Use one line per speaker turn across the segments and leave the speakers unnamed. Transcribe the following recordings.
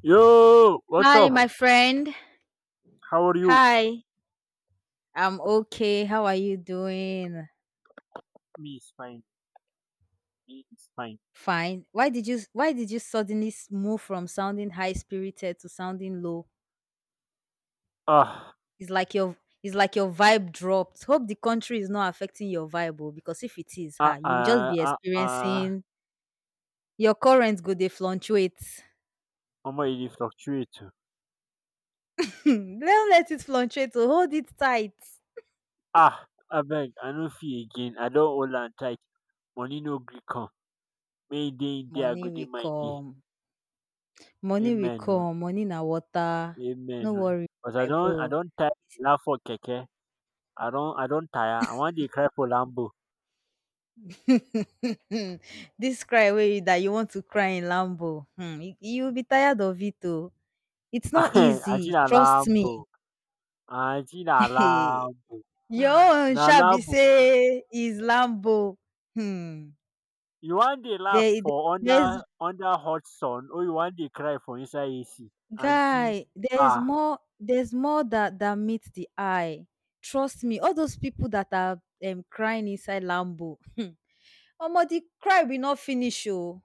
Yo, what's
Hi, my
up?
friend.
How are you?
Hi. I'm okay. How are you doing?
Me is fine. Me is fine.
Fine. Why did you suddenly move from sounding high spirited to sounding low?
Ah,
It's like your it's like your vibe dropped. Hope the country is not affecting your vibe oh, because if it is,
ah,
ha, you will just
ah,
be
ah, ah.
experiencing your current go dey fluctuate.
Omo, e dey fluctuate oh.
Don't let it fluctuate. Oh, hold it tight.
Ah, abeg, I no fit again. I don hold am tight. Money no gree come. Make e dey in there, I go
Money
dey
will
my day.
come. Money will
Amen oh.
come. Money na water.
Amen
No
oh.
worry,
But I
my
don, I
bro.
don tire laugh for keke. I don tire. I wan dey cry for Lambo.
This cry way that you want to cry in Lambo, you'll be tired of it. Oh, it's not
Aunty
easy.
na
Trust me.
Lambo. Aunty na Lambo.
Your own
Na
shall be
Lambo.
say is Lambo. Hmm.
You wan dey laugh
There-
for under
there's
under hot sun or you wan dey cry for inside AC? Aunty,
guy. There's
ah,
more. There's more that meets the eye. Trust me. All those people that are crying inside Lambo. Omo, the cry will not finish. Oh.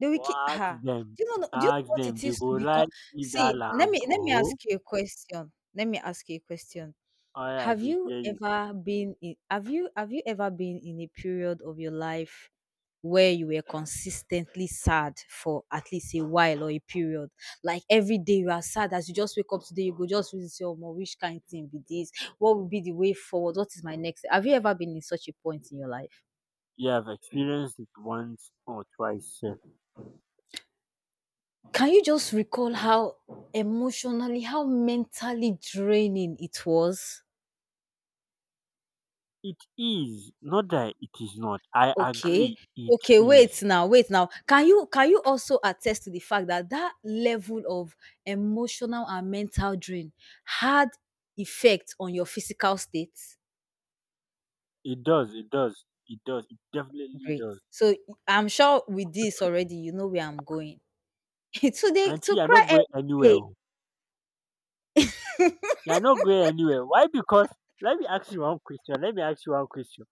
The
but
keep? Do you know
ask
what
dem
it
dey
is
go
to
like give dat
let
lamb
me let me
oo.
ask you a question. Let me ask you a question.
I dey hear you.
Have you ever been in a period of your life where you were consistently sad for at least a while or a period? Like every day you are sad as you just wake up today, you go just reason say, "Omo, which kind thing be this? What will be the way forward? What is my next?" Have you ever been in such a point in your life?
You have experienced it once or twice sef.
Can you just recall how emotionally, how mentally draining it was?
It is, not that it is not. I
Okay.
agree it
Okay, wait
is.
now, wait now. Can you also attest to the fact that level of emotional and mental drain had effect on your physical state?
It does, it does, it does, it definitely
Great.
does.
So I'm sure with this already you know where I'm going. Today
Aunty,
to
you are
cry
not going
every
anywhere
day.
oo. You are not going anywhere. Why? Because let me ask you one question, let me ask you one question.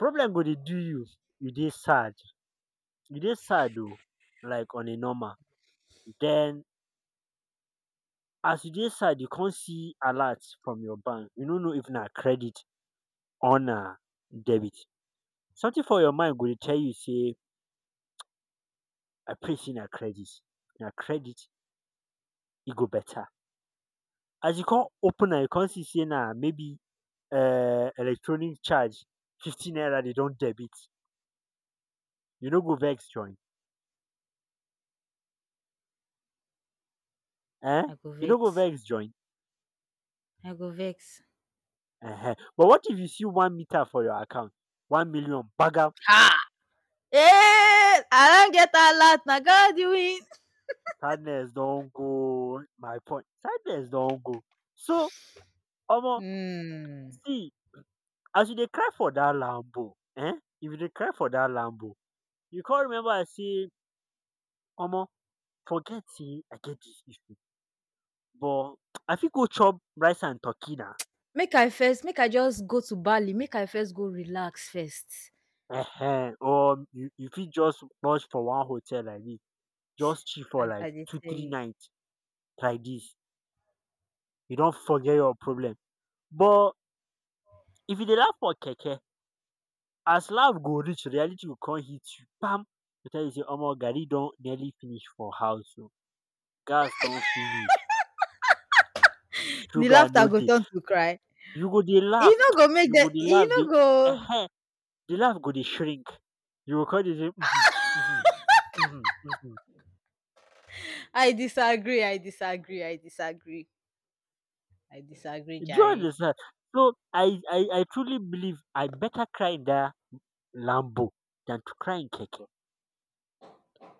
Problem go dey do you, you dey sad, you dey sad oh, like on a normal, den as you dey sad, you kon see alert from your bank, you no know if na credit or na debit. Something for your mind go dey tell you sey, I pray sey na credit e go better. As you kon open am you kon see sey na maybe electronic charge 50 naira dey don debit, you no go vex join um,
I go
you no go
vex.
vex join.
I go vex.
Ehen. But what if you see 1 meter for your account? 1,000,000 gbagam,
Ha! Eh, I don't get a lot. Now God, you.
sadness don't go. My point, sadness don't go. So, omo,
Mm.
see as you dey cry for that Lambo eh? If you dey cry for that Lambo, you can't remember I say, omo, forget sey I get dis issue, but I fit go chop rice and turkey na.
Make I first, make I just go to Bali, make I first go relax first.
Ehen, or you fit just lodge for one hotel like this, just chill for
I
like
I dey
2,
tell
3
you.
nights. Like this. You don't forget your problem, but if you dey laugh for keke, as laugh go reach reality go con hit you kpam, you tell you sey, omo, garri don nearly finish for house oh, gas don finish,
The
sugar
laughter
no
go
dey.
turn to cry.
You go dey
E
laugh,
no go make
you
dem
go dey
e
laugh.
no go
Ehen, the laugh go dey shrink, you go con dey say um, um, um, um.
I disagree, I disagree, I disagree, I disagree,
Do you
Jerry.
understand? So I truly believe I better cry in dat Lambo than to cry in keke.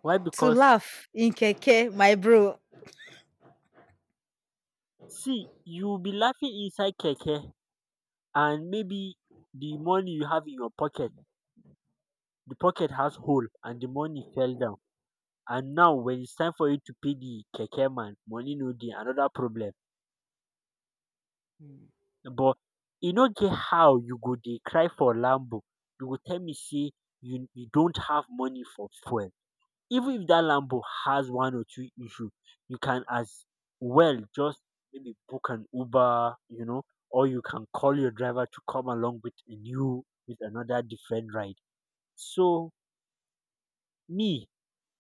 Why?
To
Because
laugh in keke, my bro.
see, you be laughing inside keke and maybe the money you have in your pocket, the pocket has hole and the money fell down, and now when it's time for you to pay the keke man, money no dey, another problem.
Mm.
But e no get how you go dey cry for lambo, you go tell me say you don't have money for fuel. Even if that lambo has one or two issue, you can as well just maybe book an uber, or you can call your driver to come along with a new with another different ride. So me,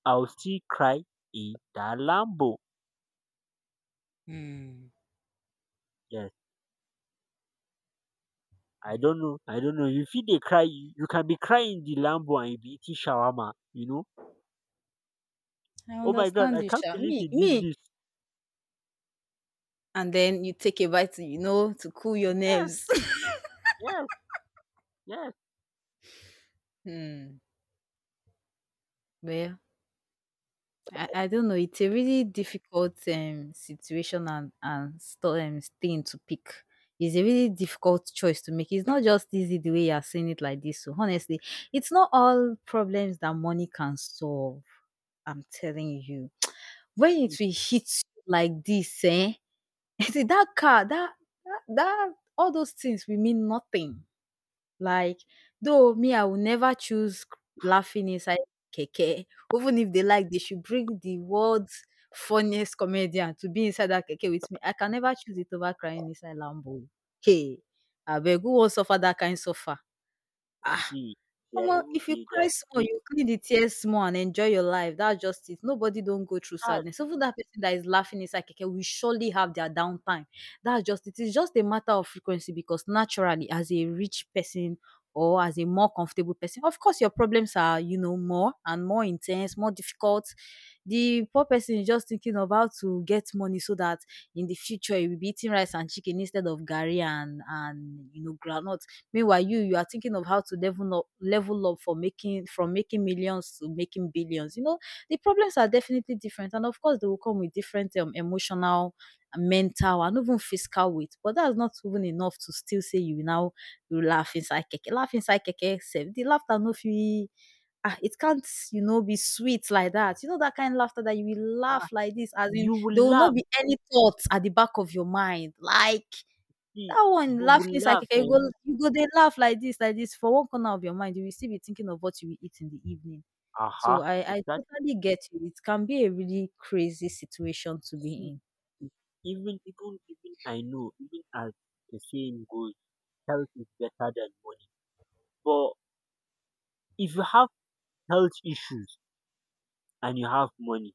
I will still cry in dat Lambo.
Mm,
Yes, I
mm.
don't know, I don't know. You feel they cry, you can be crying in the Lambo and you be eating shawarma.
I
Oh my God,
understand
I
you,
can't
sha.
believe
Me,
he did
me.
this.
And then you take a bite, to, you know, to cool your
Yes,
nerves.
yes, yes.
Mm. Well, I don't know. It's a really difficult situation and thing to pick. It's a really difficult choice to make. It's not just easy the way you are saying it like this. So honestly, it's not all problems that money can solve. I'm telling you, when it
You
will hit you like this, eh? See that car, that all those things will mean nothing like, though me, I will never choose c laughing inside keke. Even if they like, they should bring the world's funniest comedian to be inside that keke with me. I can never choose it over crying inside Lambo. Hey, abeg, who wan suffer that kind suffer? Ah.
see, they are
Omo,
even
if you
they, they
cry
are
small,
saying,
you clean the tears small and enjoy your life. That's just it. Nobody don't go through
"Ah,
sadness. Even that person that is laughing inside keke will surely have their downtime. That's just it. It's just a matter of frequency because naturally, as a rich person or as a more comfortable person, of course your problems are, you know, more and more intense, more difficult. The poor person is just thinking of how to get money so that in the future he will be eating rice and chicken instead of gari and you know groundnut. Meanwhile, you are thinking of how to level up for making from making millions to making billions. You know, the problems are definitely different. And of course they will come with different emotional mental and even physical weight. But that's not even enough to still say you now you laugh inside keke. Laugh inside keke sef. The laughter no fit ah, it can't, you know, be sweet like that. You know, that kind of laughter that you will
ah."
laugh like this, as in
You will
there will not
laugh,
be any thoughts at the back of your mind. Like
see,
that one
you
laughing
will
is like
laugh
keke,
eh.
you go dey laugh like this for one corner of your mind, you will still be thinking of what you will eat in the evening. So
Aha,
I
exactly.
totally get you. It can be a really crazy situation to
See,
be
even I know, even as the saying goes, "Health is better than money." But if you have health issues and you have money,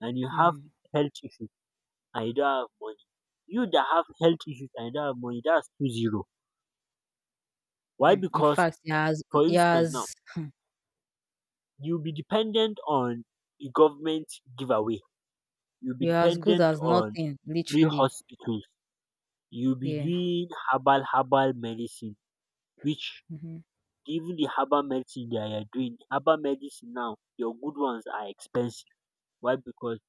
and you have
in.
health issues and you don't have money. You that have health issues and you don't have money, that's 2-0.
Mm,
Why?
mm. In
Because,
fact, you're as
for
you're
instance, now
as
you'll be dependent on a government giveaway. You'll be
you're as good
dependent
as
on
nothing,
free
literally.
hospitals. You'll be
Yeah.
doing herbal medicine, which,
Hmm.
even the herbal medicine that you're doing, herbal medicine now, your good ones are expensive. Why? Because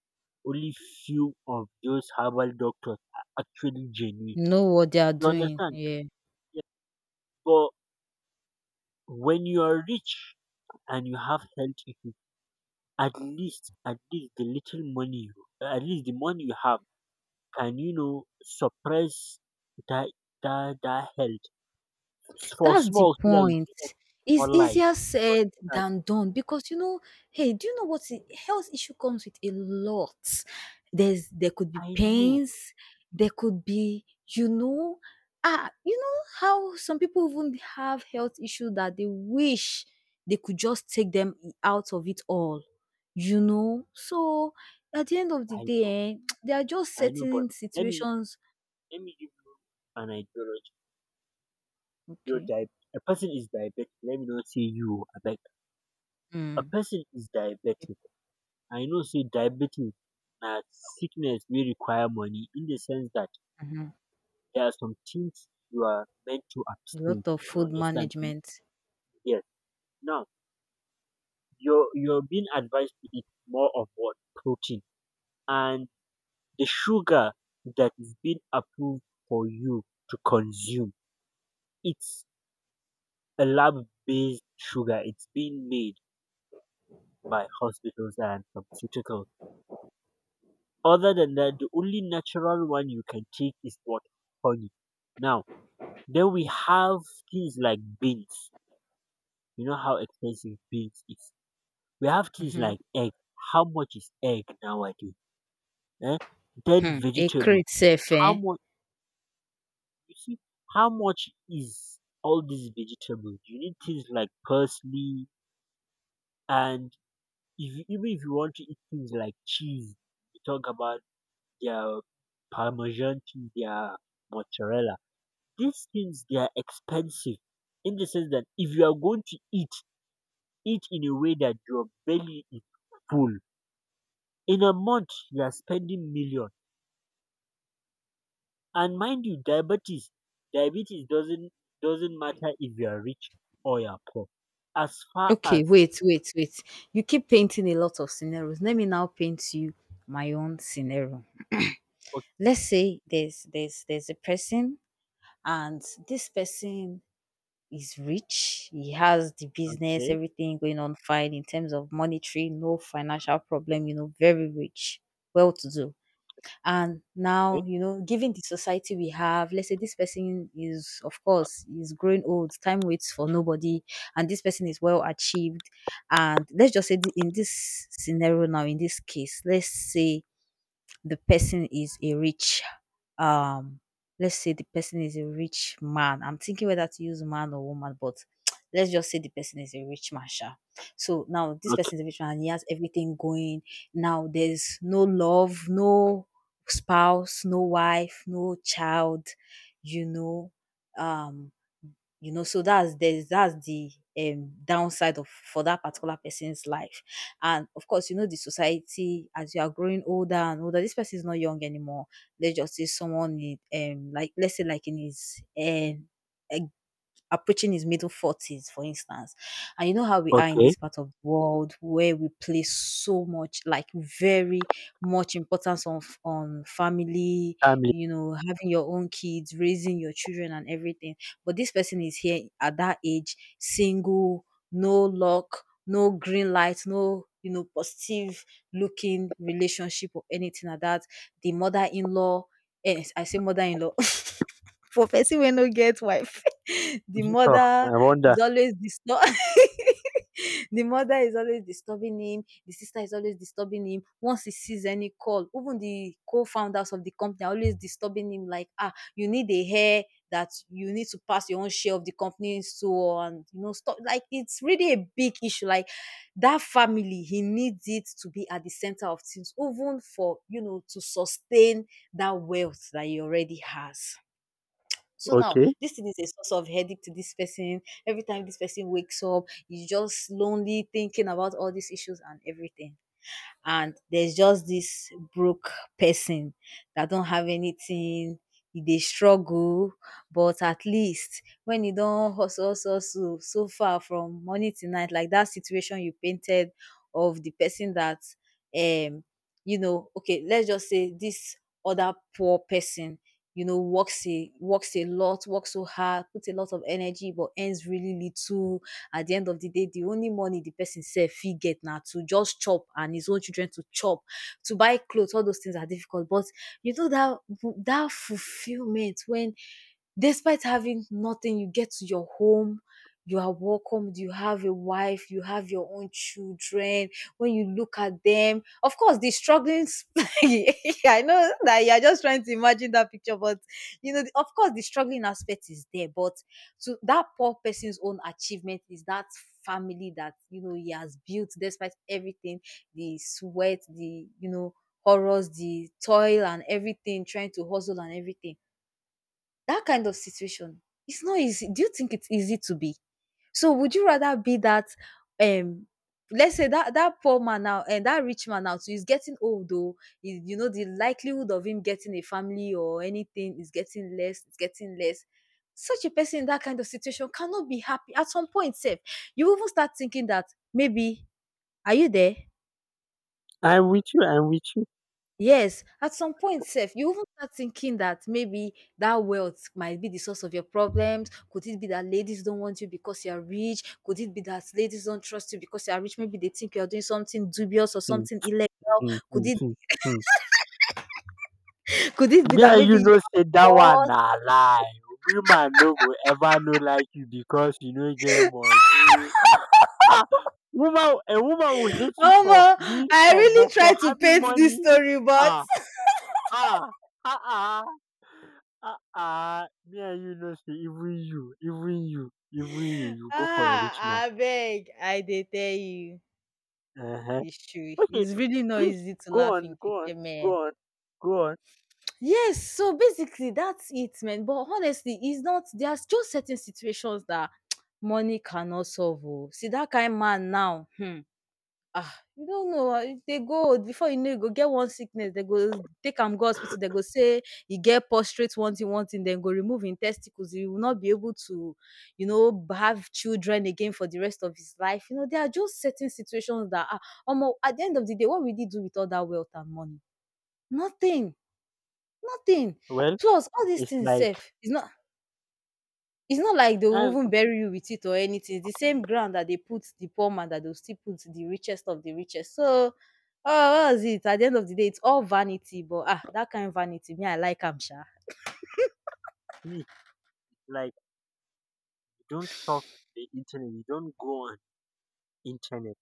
only few of those herbal doctors are actually genuine.
Know what they are
You
doing.
understand?
Yeah.
Yes. But when you are rich and you have health issues, at least the little money, at least the money you have, can, you know, suppress that that health for
That's the
small so that you
point.
can
It's
more life.
easier
You
said
understand?
than done because you know, hey, do you know what I- health issue comes with a lot? There could be
I know,
pains, there could be, you know, ah, you know how some people even have health issue that they wish they could just take them out of it all, you know. So at the end of the
I
day,
know,
eh, there are just
I know. But
certain
let me
situations.
let me give you an ideology. You're
Okay.
di- a person is diabetic. Let me not say you. I A
Mm.
person is diabetic. I know say diabetic na sickness wey require money in the sense that
Mhm.
there are some things you are meant to
A
abstain.
lot of
You
food
understand?
management.
Yes. Now, you're being advised to eat more of what? Protein. And the sugar that is being approved for you to consume, it's a lab based sugar. It's being made by hospitals and pharmaceuticals. Other than that, the only natural one you can take is what? Honey. Now, then we have things like beans. You know how expensive beans is. We have things
Mhm.
like egg. How much is egg nowadays? Eh? Then
Hmm, it
vegetables.
creates sef
How
eh.
much You see how much is all these vegetables? You need things like parsley, and if you, even if you want to eat things like cheese, you talk about their parmesan cheese, their mozzarella. These things they are expensive in the sense that if you are going to eat in a way that your belly is full. In a month you are spending million. And mind you, diabetes doesn't matter if you are rich or you are poor. As far
Okay,
as
wait. You keep painting a lot of scenarios. Let me now paint you my own scenario.
Okay,
Let's say there's a person and this person is rich. He has the business,
okay,
everything going on fine in terms of monetary, no financial problem, you know, very rich, well to do. And now
okay,
you know given the society we have, let's say this person is, of course is growing old, time waits for nobody, and this person is well achieved, and let's just say in this scenario now, in this case, let's say the person is a rich um let's say the person is a rich man. I'm thinking whether to use man or woman, but let's just say the person is a rich man, sha. So now this
okay,
person is a rich man and he has everything going. Now there's no love, no spouse, no wife, no child, you know. Um you know, so that's the downside of for that particular person's life. And of course, you know, the society as you are growing older and older, this person is not young anymore. Let's just say someone in like let's say like in his approaching his middle 40s, for instance. And you know how we are in
okay.
this part of the world where we place so much, like very much importance on on family,
Family.
you know, having your own kids, raising your children and everything. But this person is here at that age, single, no luck, no green light, no you know, positive looking relationship or anything like that. The mother in law, yes, I say mother in law. For person we no get wife. The
Oh,
mother
I
is
wonder.
always disturb the mother is always disturbing him, the sister is always disturbing him. Once he sees any call, even the co-founders of the company are always disturbing him like, "Ah, you need a hair that you need to pass your own share of the company so and you know stuff like it's really a big issue. Like that family, he needs it to be at the center of things, even for you know to sustain that wealth that he already has. So now
Okay.
this thing is a source of headache to this person. Every time this person wakes up, he's just lonely thinking about all these issues and everything, and there's just this broke person that don't have anything. They struggle but at least when e don hustle hustle hustle so far from morning till night, like that situation you painted of the person that um you know, okay, let's just say this other poor person, you know, works a lot, works so hard, puts a lot of energy but earns really little. At the end of the day the only money the person sef fit get na to just chop and his own children to chop. To buy clothes, all those things are difficult but you know that that fulfillment when despite having nothing you get to your home, you are welcomed, you have a wife, you have your own children, when you look at them, of course the strugglings I know that you are just trying to imagine that picture but you know of course the struggling aspect is there but so that poor person's own achievement is that family that you know he has built despite everything, the sweat, the you know horrors, the toil and everything, trying to hustle and everything. That kind of situation, it's not easy. Do you think it's easy to be? So would you rather be that um let's say that poor man now and that rich man now, so he's getting old though you know the likelihood of him getting a family or anything is getting less, it's getting less. Such a person in that kind of situation cannot be happy. At some point safe you even start thinking that maybe, are you there?
I'm with you, I'm with you.
Yes, at some point sef you even start thinking that maybe that wealth might be the source of your problems. Could it be that ladies don't want you because you are rich? Could it be that ladies don't trust you because you are rich? Maybe they think you are doing something dubious or
Hmm,
something illegal.
hmm,
Could
hmm,
it
hmm, hmm.
could it be
Me
that
and
maybe
you
you
know
are
say that
poor?
one na lie. Woman no go ever no like you because you no get money. Ah, woman a woman will hate you for
Omo!
being
I
poor but
really
for
try to
having
paint this
money.
story, but
Ah, ah, ah, ah, ah, ah. Me and you know say even you even you even you you go for a rich
ah,
man.
I beg, I dey tell you,
Uh-huh.
it's true.
Okay,
It's really not
please,
easy to
go
laugh
on,
in
go on,
keke men.
go on, go on.
Yes, so basically that's it, man. But honestly, it's not there's just certain situations that money cannot solve. Oh. See that kind man now, hmm. Ah, you don't know. Ah, if they go before, you know, you go get one sickness. They go take him go hospital. They go say you get prostrate one thing, one thing. Then go remove in testicles. You will not be able to, you know, have children again for the rest of his life. You know, there are just certain situations that are. Almost at the end of the day, what will he do with all that wealth and money? Nothing. Nothing.
Well,
Plus all these
it's
things
like,
safe. It's not like they will
um
even bury you with it or anything. It's the same ground that they put the poor man that they'll still put the richest of the richest. So, ah, what is it? At the end of the day, it's all vanity, but ah, that kind of vanity, me, I like am sha.
please, like, don't surf the internet, you don't go on internet.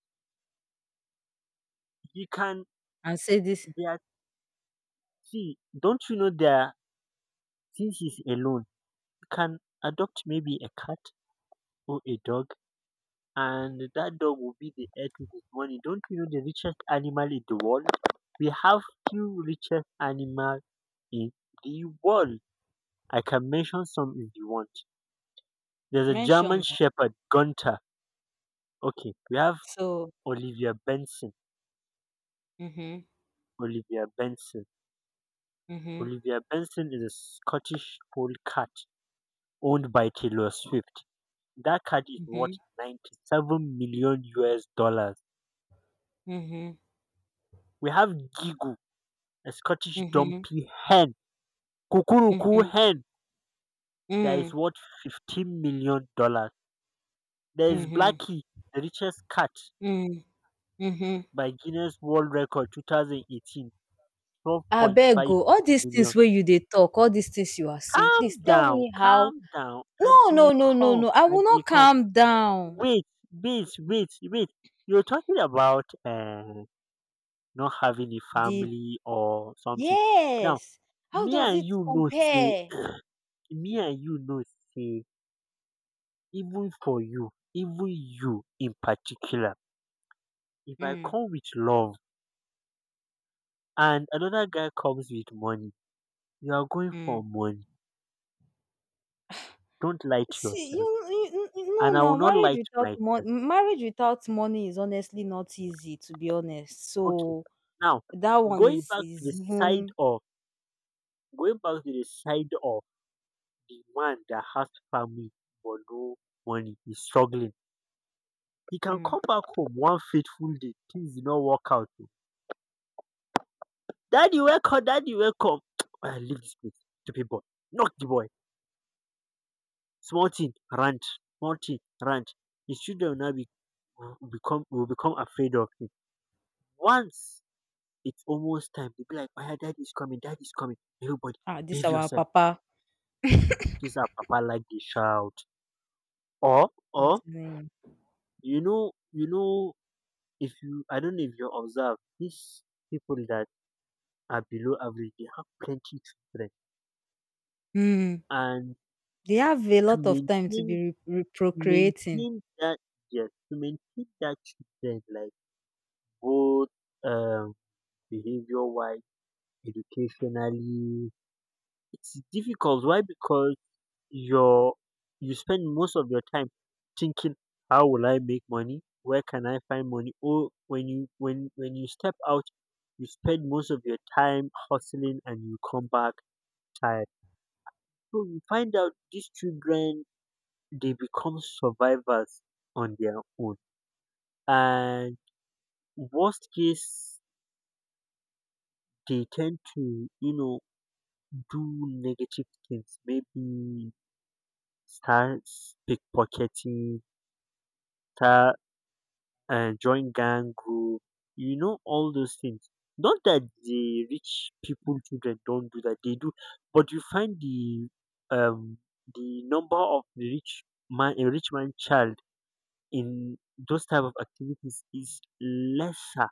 You can
And say this
there are- See, don't you know since he's alone, you can adopt maybe a cat or a dog, and that dog will be the heir to this money. Don't you know the richest animal in the world? We have two richest animal in the world. I can mention some if you want. There's a German
mention oh.
Shepherd, Gunther. Okay, we have
So
Olivia Benson.
mhm,
Olivia Benson.
mhm,
Olivia Benson is a Scottish polecat owned by Taylor Swift. That cat is
mhm,
worth $97 million.
mhm,
We have Gigu, a Scottish
mhm,
dumpy hen, Kukuruku
mhm,
hen, that is
mm,
worth $15 million. There is
mhm,
Blackie, the richest cat
mm, mhm.
by Guinness World Record 2018, twelve point
Abeg
five million.
oh, all these things where you they talk, all these things you are saying, please tell me how.
Calm down,
No, no,
Adi,
no, no,
come,
no. I will
Adi,
not
come.
calm down.
Wait, wait, wait, wait. You're talking about not having a
The
family or something. Now,
yes. How
me
does
and
it
you know say,
compare?
me and you know say, even for you, even you in particular, if I
Mm,
come with love and another guy comes with money, you are going for
mm.
money. Don't lie to
See, you,
yourself.
you, you you know
And I will
now,
not lie to myself.
marriage without money is honestly not easy, to be honest.
Okay.
So
Now,
that one
going
is
back to the
is
side
even
of, going back to the side of the man that has family but no money, is struggling. He can
mm.
come back home one fateful day, things did not work out oh. Daddy, wake up, daddy, wake up. I leave this place. Stupid boy. Knock the boy. Small thing, rant. Small thing, rant. His children will now be, will become afraid of him. Once it's almost time, they'll be like, "Oh, daddy is coming, daddy is coming. Everybody,
Ah, this
behave
our
yourself.
papa.
This is how papa like the shout." Or,
I'm telling you.
you know, you know If you, I don't know if you observe, these people that are below average, they have plenty children,
Mm.
and
They have a
to
lot of time to
maintain,
be
to
procreating.
maintain that, yes, to maintain that children, like both um, behavior-wise, educationally, it's difficult. Why? Because your you spend most of your time thinking, how will I make money, where can I find money, or when you when you step out, you spend most of your time hustling and you come back tired, so you find out these children, they become survivors on their own, and worst case, they tend to, do negative things, maybe start pickpocketing, start and join gang group, all those things. Not that the rich people children don't do that, they do, but you find um the number of the rich man a rich man child in those type of activities is lesser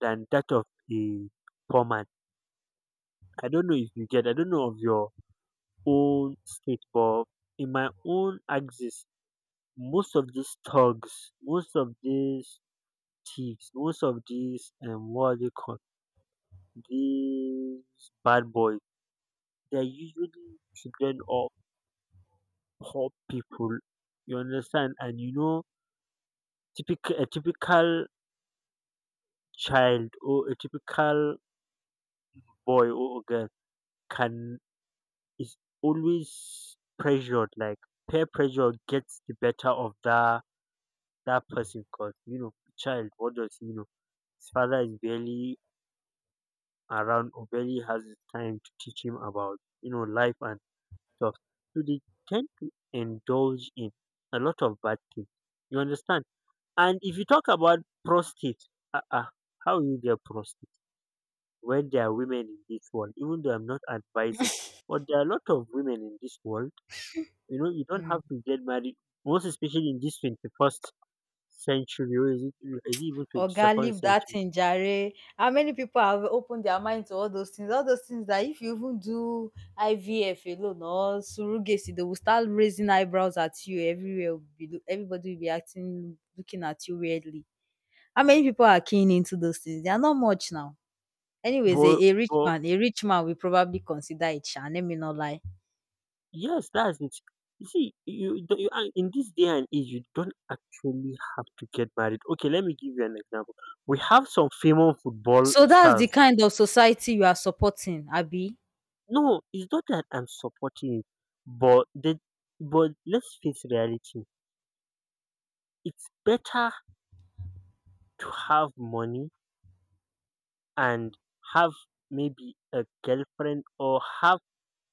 than that of the poor man. I don't know if you get I don't know of your own state, but in my own axis, most of these thugs, most of these thieves, most of these what are they called? These bad boys. They're usually children of poor people. You understand? And you know, typical a typical child, or a typical boy or girl, can is always pressured. Like peer pressure gets the better of that person. Cause you know, child, what does he know? His father is barely around or barely has time to teach him about life and stuff. So they tend to indulge in a lot of bad things. You understand? And if you talk about prostate, uh, uh, how you get prostate when there are women in this world, even though I'm not advising, but there are a lot of women in this world. You know, you don't
Mm.
have to get married, most especially in this 21st century. Or is it even
Oga,
22nd
leave that
century?
thing jare. How many people have opened their mind to all those things? All those things that if you even do IVF alone or surrogacy, they will start raising eyebrows at you everywhere. Everybody will be acting, looking at you weirdly. How many people are keen into those things? They are not much now. Anyways,
But, but
a rich man will probably consider it sha, let me not lie.
Yes, that's it. You see, you, don't- you and in this day and age, you don't actually have to get married. Okay, let me give you an example. We have some famous football
So that's the
stars.
kind of society you are supporting, Abby.
No, it's not that I'm supporting it, but the but let's face reality. It's better to have money and have maybe a girlfriend, or have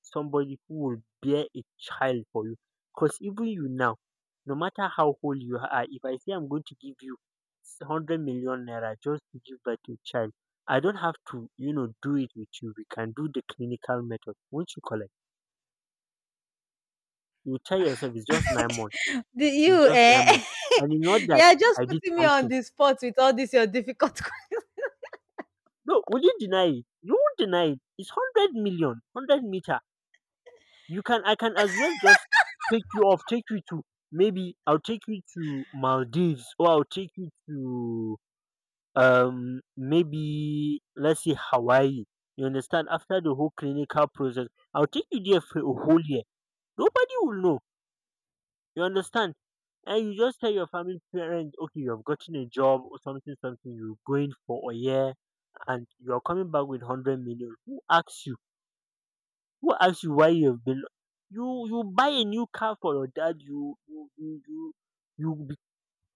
somebody who will bear a child for you. Because even you now, no matter how old you are, if I say I'm going to give you 100 million naira just to give birth to a child, I don't have to, you know, do it with you. We can do the clinical method. Won't you collect? You will tell yourself it's just 9 months.
The
It's
you
just nine
eh,
months. And it's not
you
that
are just
I did
putting me on
something.
the spot with all this your difficult que.
No, will you deny it? You won't deny it. It's 100 million, hundred meter. You can I can as well just take you to, maybe I'll take you to Maldives, or I'll take you to, maybe let's say Hawaii. You understand? After the whole clinical process, I'll take you there for a whole year. Nobody will know. You understand? And you just tell your family, parents, okay, you have gotten a job or something something, you're going for a year, and you're coming back with 100 million. Who asks you? Who asked you Why you have been? You buy a new car for your dad. You be,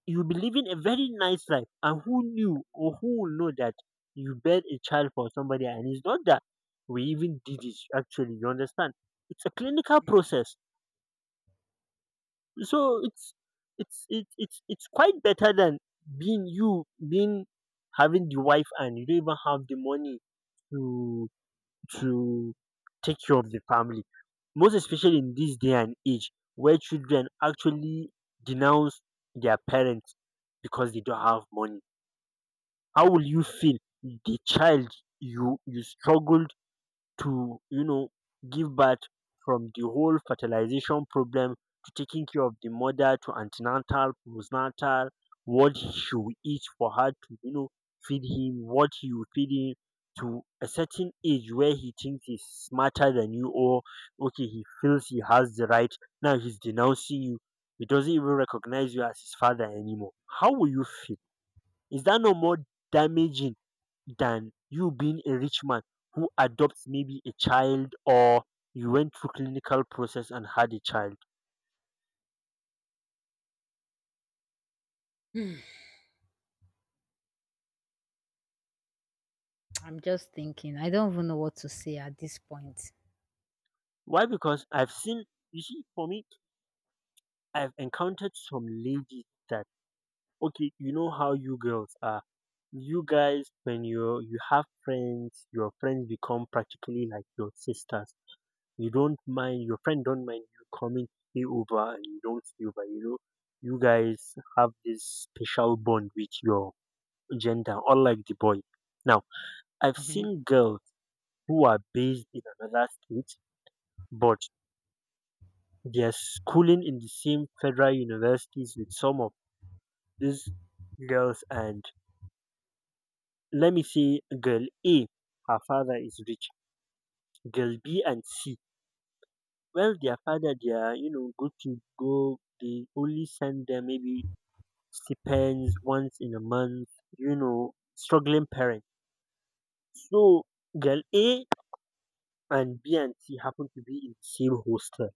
you be living a very nice life. And who knew, or who will know, that you bed a child for somebody? And it's not that we even did it. Actually, you understand? It's a clinical process. So it's quite better than being you being having the wife and you don't even have the money to to take care of the family, most especially in this day and age where children actually denounce their parents because they don't have money. How will you feel? The child you struggled to, you know, give birth, from the whole fertilization problem, to taking care of the mother, to antenatal, postnatal, what she will eat for her to, you know, feed him, what you feed him, to a certain age where he thinks he's smarter than you, or okay he feels he has the right, now he's denouncing you, he doesn't even recognize you as his father anymore. How will you feel? Is that no more damaging than you being a rich man who adopts maybe a child, or you went through clinical process and had a child?
Hmm, I'm just thinking. I don't even know what to say at this point.
Why? Because I've seen, for me, I've encountered some ladies that, okay, you know how you girls are. You guys, when you have friends, your friends become practically like your sisters. You don't mind your friend, don't mind you coming stay over and you don't stay over, you know. You guys have this special bond with your gender, unlike the boy. Now, I've
Mhm.
seen girls who are based in another state, but they're schooling in the same federal universities with some of these girls. And let me say, girl A, her father is rich. Girl B and C, well, their father, they are, you know, good to go. They only send them maybe stipends once in a month, you know, struggling parents. So, girl A and B and C happen to be in the same hostel.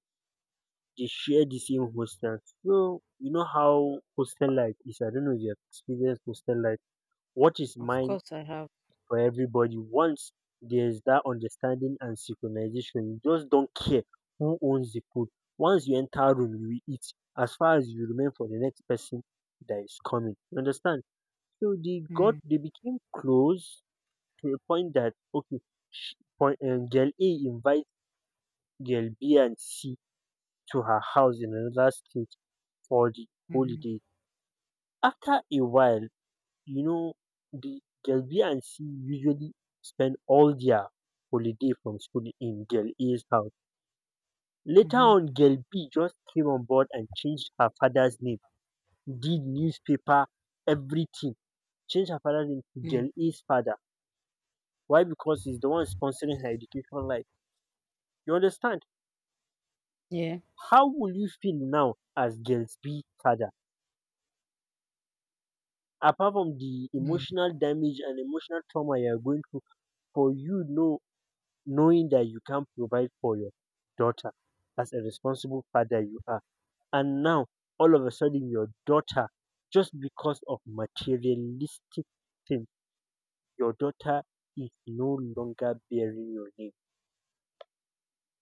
They share the same hostel. So you know how hostel life is. I don't know if you have experienced hostel life. What is
Of
mine
course I have.
for everybody? Once there's that understanding and synchronization, you just don't care who owns the food. Once you enter room, you will eat, as far as you remain for the next person that is coming. You understand? So
Mm.
they became close to a point that, okay, girl A invites girl B and C to her house in another state for the
Mhm.
holiday. After a while, you know, the girl B and C usually spend all their holiday from school in girl A's house. Later
Mhm.
on, girl B just came on board and changed her father's name, did newspaper, everything. Changed her father's name to
Mm.
girl A's father. Why? Because he's the one sponsoring her education life. You understand?
Yeah.
How will you feel now as girl B's father, apart from the
Mm.
emotional damage and emotional trauma you are going through, for, you know, knowing that you can't provide for your daughter as a responsible father you are, and now all of a sudden your daughter, just because of materialistic thing, your daughter is no longer bearing your name.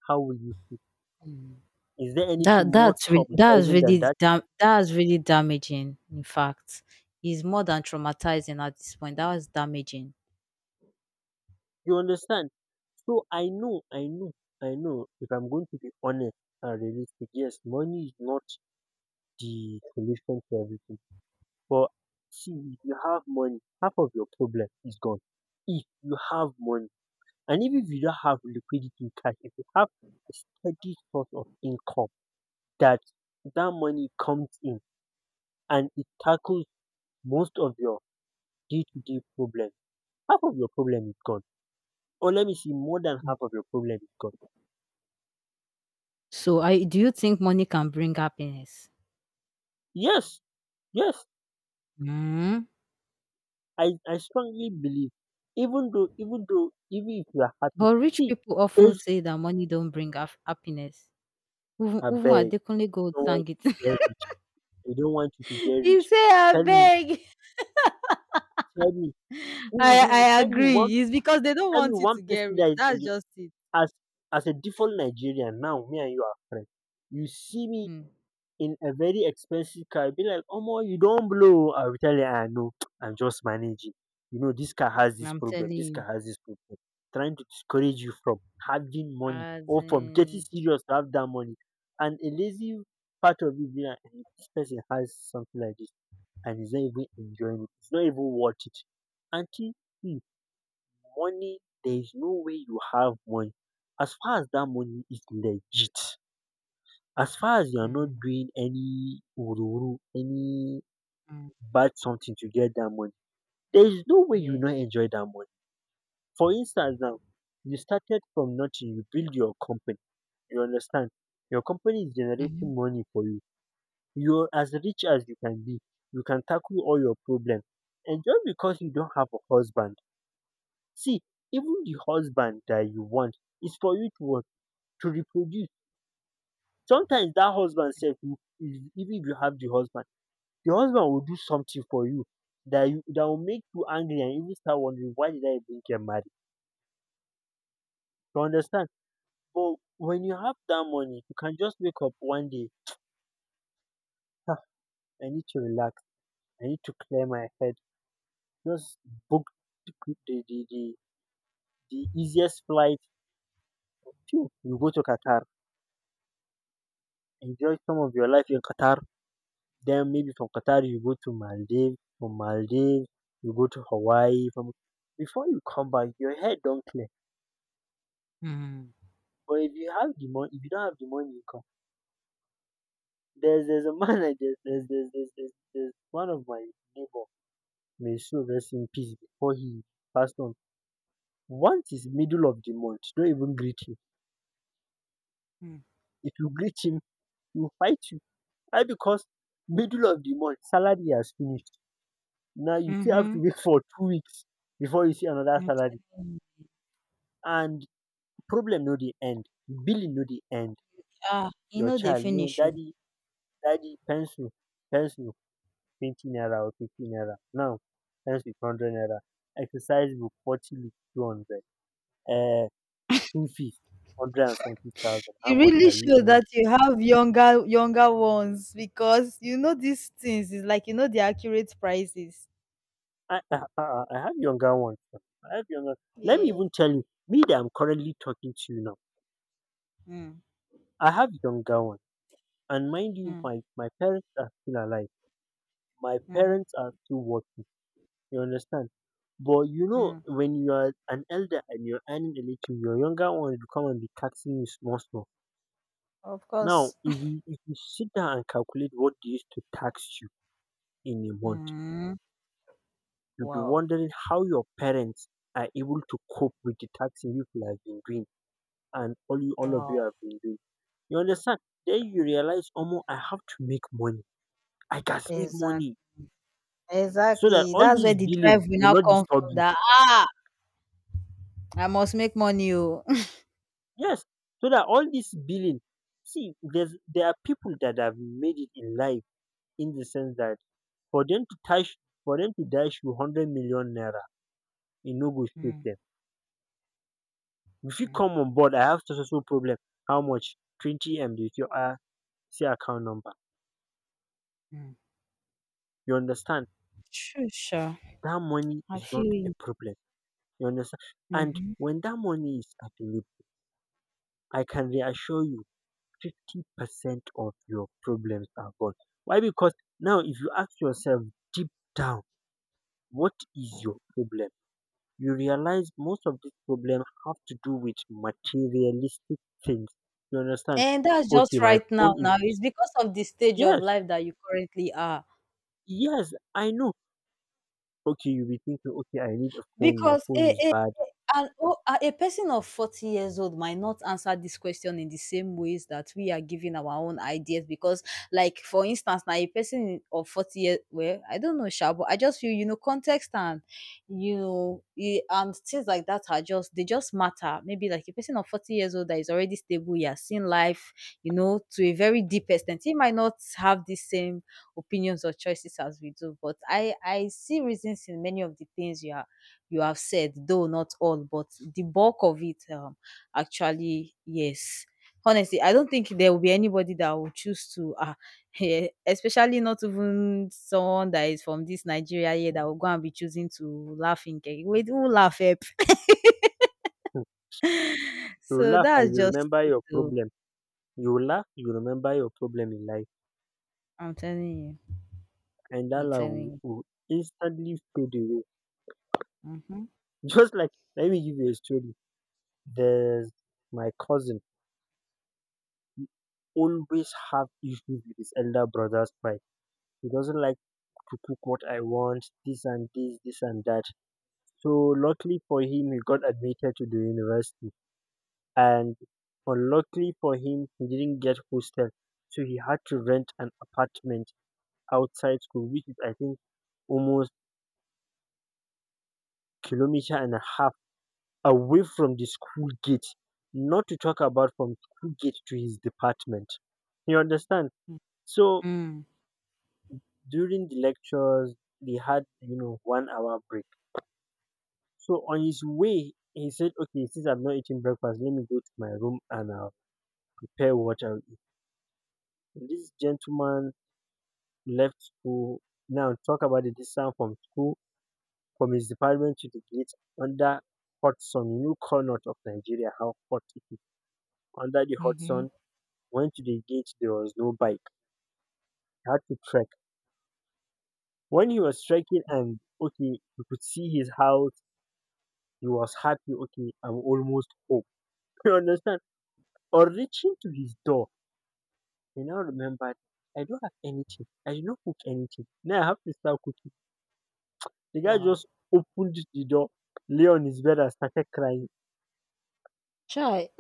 How will you feel?
Mm.
Is there anything more traumatizing than that?
That's really damaging. In fact, is more than traumatizing at this point. That was damaging.
You understand? So I know. If I'm going to be honest and realistic, yes, money is not the solution to everything. But see, if you have money, half of your problem is gone. If you have money, and even if you don't have liquidity in cash, if you have a steady source of income that money comes in and it tackles most of your day-to-day problem, half of your problem is gone. Or let me see, more than
Mm.
half of your problem is gone.
So, I do you think money can bring happiness?
Yes, yes,
Mm.
I strongly believe, even if you are happy,
But rich
see,
people often
is
say that money don't bring happiness. Even
a
even
beg
Adekunle Gold
don't want
sang it.
you to get rich. They don't want you to get
He
rich.
say, "I
Tell me,
beg."
tell me, who, who,
I
tell me one,
agree. It's because they don't
tell me
want you
one
to get
person
rich.
that is in
That's
you
just it.
as a default Nigerian. Now me and you are friends. You see me
Hmm.
in a very expensive car, be like, "Omo, you don't blow." I will tell you, "I know, I'm just managing." You know, this car has this
I'm
problem.
telling
This
you.
car has this problem. Trying to discourage you from having money
As
or from getting
in,
serious to have that money. And a lazy part of you be like, "Eh, this person has something like this and he's not even enjoying it. It's not even worth it." Auntie, see, money, there is no way you have money, as far as that money is legit, as far as you are not
hmm,
doing any ururu, any
hmm,
bad something to get that money, there is no way you
yeah.
not enjoy that money. For instance, now you started from nothing, you build your company. You understand? Your company is generating money for you. You're as rich as you can be. You can tackle all your problems. And just because you don't have a husband, see, even the husband that you want is for you to what? To reproduce. Sometimes that husband self, even if you have the husband will do something for you that will make you angry and even start wondering, why did I even get married? You understand? But when you have that money, you can just wake up one day. "Ah, I need to relax. I need to clear my head. Just book the quick- the easiest flight." Phew, you go to Qatar. Enjoy some of your life in Qatar. Then maybe from Qatar you go to Maldives, from Maldives you go to Hawaii. From Before you come back, your head don't clear.
Hmm.
But if you have the money, If you don't have the money, you come. There's a man like there's one of my neighbor. May so rest in peace before he passed on. Once it's middle of the month, don't even greet him.
Mm.
If you greet him, he'll fight you. Why? Because middle of the month, salary has finished. Now you still have to
Mhm.
wait for 2 weeks before you see another
I'm
salary.
telling you.
And problem no dey end, billing no dey end,
Ah, e
your
no dey
child no
finish you.
daddy pencil 20 naira or 50 naira, now pencil 100 naira, exercise book 40 leaf 200, Uh, school fees hundred and something thousand, how
You
much
really
are you
show
earning?
that you have younger ones because you know these things. Is like you know the accurate prices.
I have younger ones now, I have younger let me
Yeah.
even tell you me that I'm currently talking to you now,
Mm,
I have younger ones. And mind you,
mm,
my parents are still alive, my
mhm,
parents are still working, you understand. But you know,
mm.
when you are an elder and you're earning a little, your younger ones will come and be taxing you small, small.
Of
Now,
course.
if you sit down and calculate what they used to tax you in a month,
Mm.
you'll be
Wow.
wondering how your parents are able to cope with the taxing you people have been doing and all of you
Wow.
have been doing. You understand? Then you realize, Omo, I have to make money. I can make
Exactly.
money so that
Exactly.
all
That's where
these
the drive
billing
will
will
now
not
come
disturb
from
you.
that, "Ah, I must make money. Oh."
Yes, so that all this billing, see, there are people that have made it in life, in the sense that for them to dash for them to dash you 100 million naira, e no go shake
Mm,
them. If you
mm,
come on board, I have so problem. How much? 20 M. If you are, say, account number,
mm.
you understand
True, sure.
that money
I
is not
feel
a
you.
problem. You understand? And
Mhm.
when that money is available, I can reassure you, 50% of your problems are gone. Why? Because now, if you ask yourself deep down, what is your problem? You realize most of these problems have to do with materialistic things. You understand?
And that's
Okay,
just
my
right now
phone is.
now. It's because of the stage of
Yes,
life that you currently are.
yes, I know. Okay, you'll be thinking, okay, I need a phone. My
Because
phone is
it,
bad.
and oh, a person of 40 years old might not answer this question in the same ways that we are giving our own ideas, because like for instance now a person of 40 years, well, I don't know sha, but I just feel, you know, context and, you know, eh, and things like that are just they just matter. Maybe like a person of 40 years old that is already stable, he has seen life, you know, to a very deep extent. He might not have the same opinions or choices as we do, but I see reasons in many of the things you are you have said, though not all, but the bulk of it actually, yes. Honestly, I don't think there will be anybody that will choose to, eh, especially not even someone that is from this Nigeria here that will go and be choosing to laugh in cake. Wait, who laugh? Help?
Hmm. You
So
laugh
that's
and you
just
remember
it,
your
though.
problem. You laugh, you remember your problem in life.
I'm telling you.
And that
I'm
laugh will,
telling you.
will instantly fade away.
Mm-hmm.
Just like, let me give you a story. There's my cousin, always have issues with his elder brother's fight. He doesn't like to cook what I want, this and this, this and that. So luckily for him, he got admitted to the university, and unluckily for him, he didn't get hostel, so he had to rent an apartment outside school, which is, I think, almost kilometer and a half away from the school gate. Not to talk about from school gate to his department. You understand? So
Mm.
during the lectures, they had, you know, one hour break. So on his way, he said, "Okay, since I've not eaten breakfast, let me go to my room and I'll prepare what I'll eat." And this gentleman left school. Now talk about the distance from school, from his department to the gate, under hot sun. You know, corner of Nigeria, how hot it is. Under the hot
Mm-hmm.
sun, went to the gate. There was no bike. He had to trek. When he was trekking, and okay, you could see his house. He was happy. Okay, I'm almost home. You understand? On reaching to his door, I now remembered, I don't have anything. I did not cook anything. Now I have to start cooking. The guy
Wow.
just opened the door, lay on his bed and started crying.
Chai.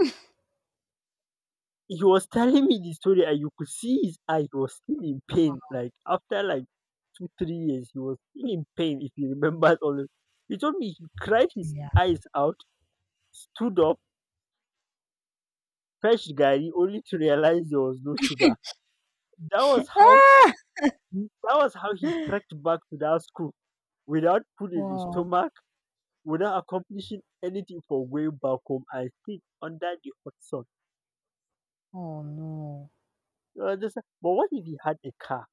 He was telling me the story and you could see his eyes, he was still in pain. Like after like two, 3 years, he was still in pain if he remembers. All of, he told me he cried his
Yeah.
eyes out, stood up, fetched Gary only to realize there was no sugar. That was how that was how he trekked back to that school without food in his
Wow.
stomach, without accomplishing anything, for going back home and sit under the hot sun.
Oh no.
You understand? But what if he had a car?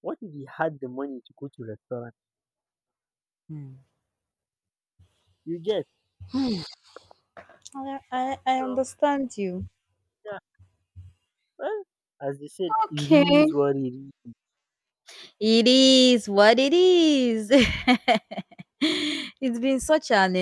What if he had the money to go to restaurant?
Hmm.
You get?
I
So
understand you.
yeah. Well, as they said, it
Okay.
is what it is.
It is what it is. It's been such an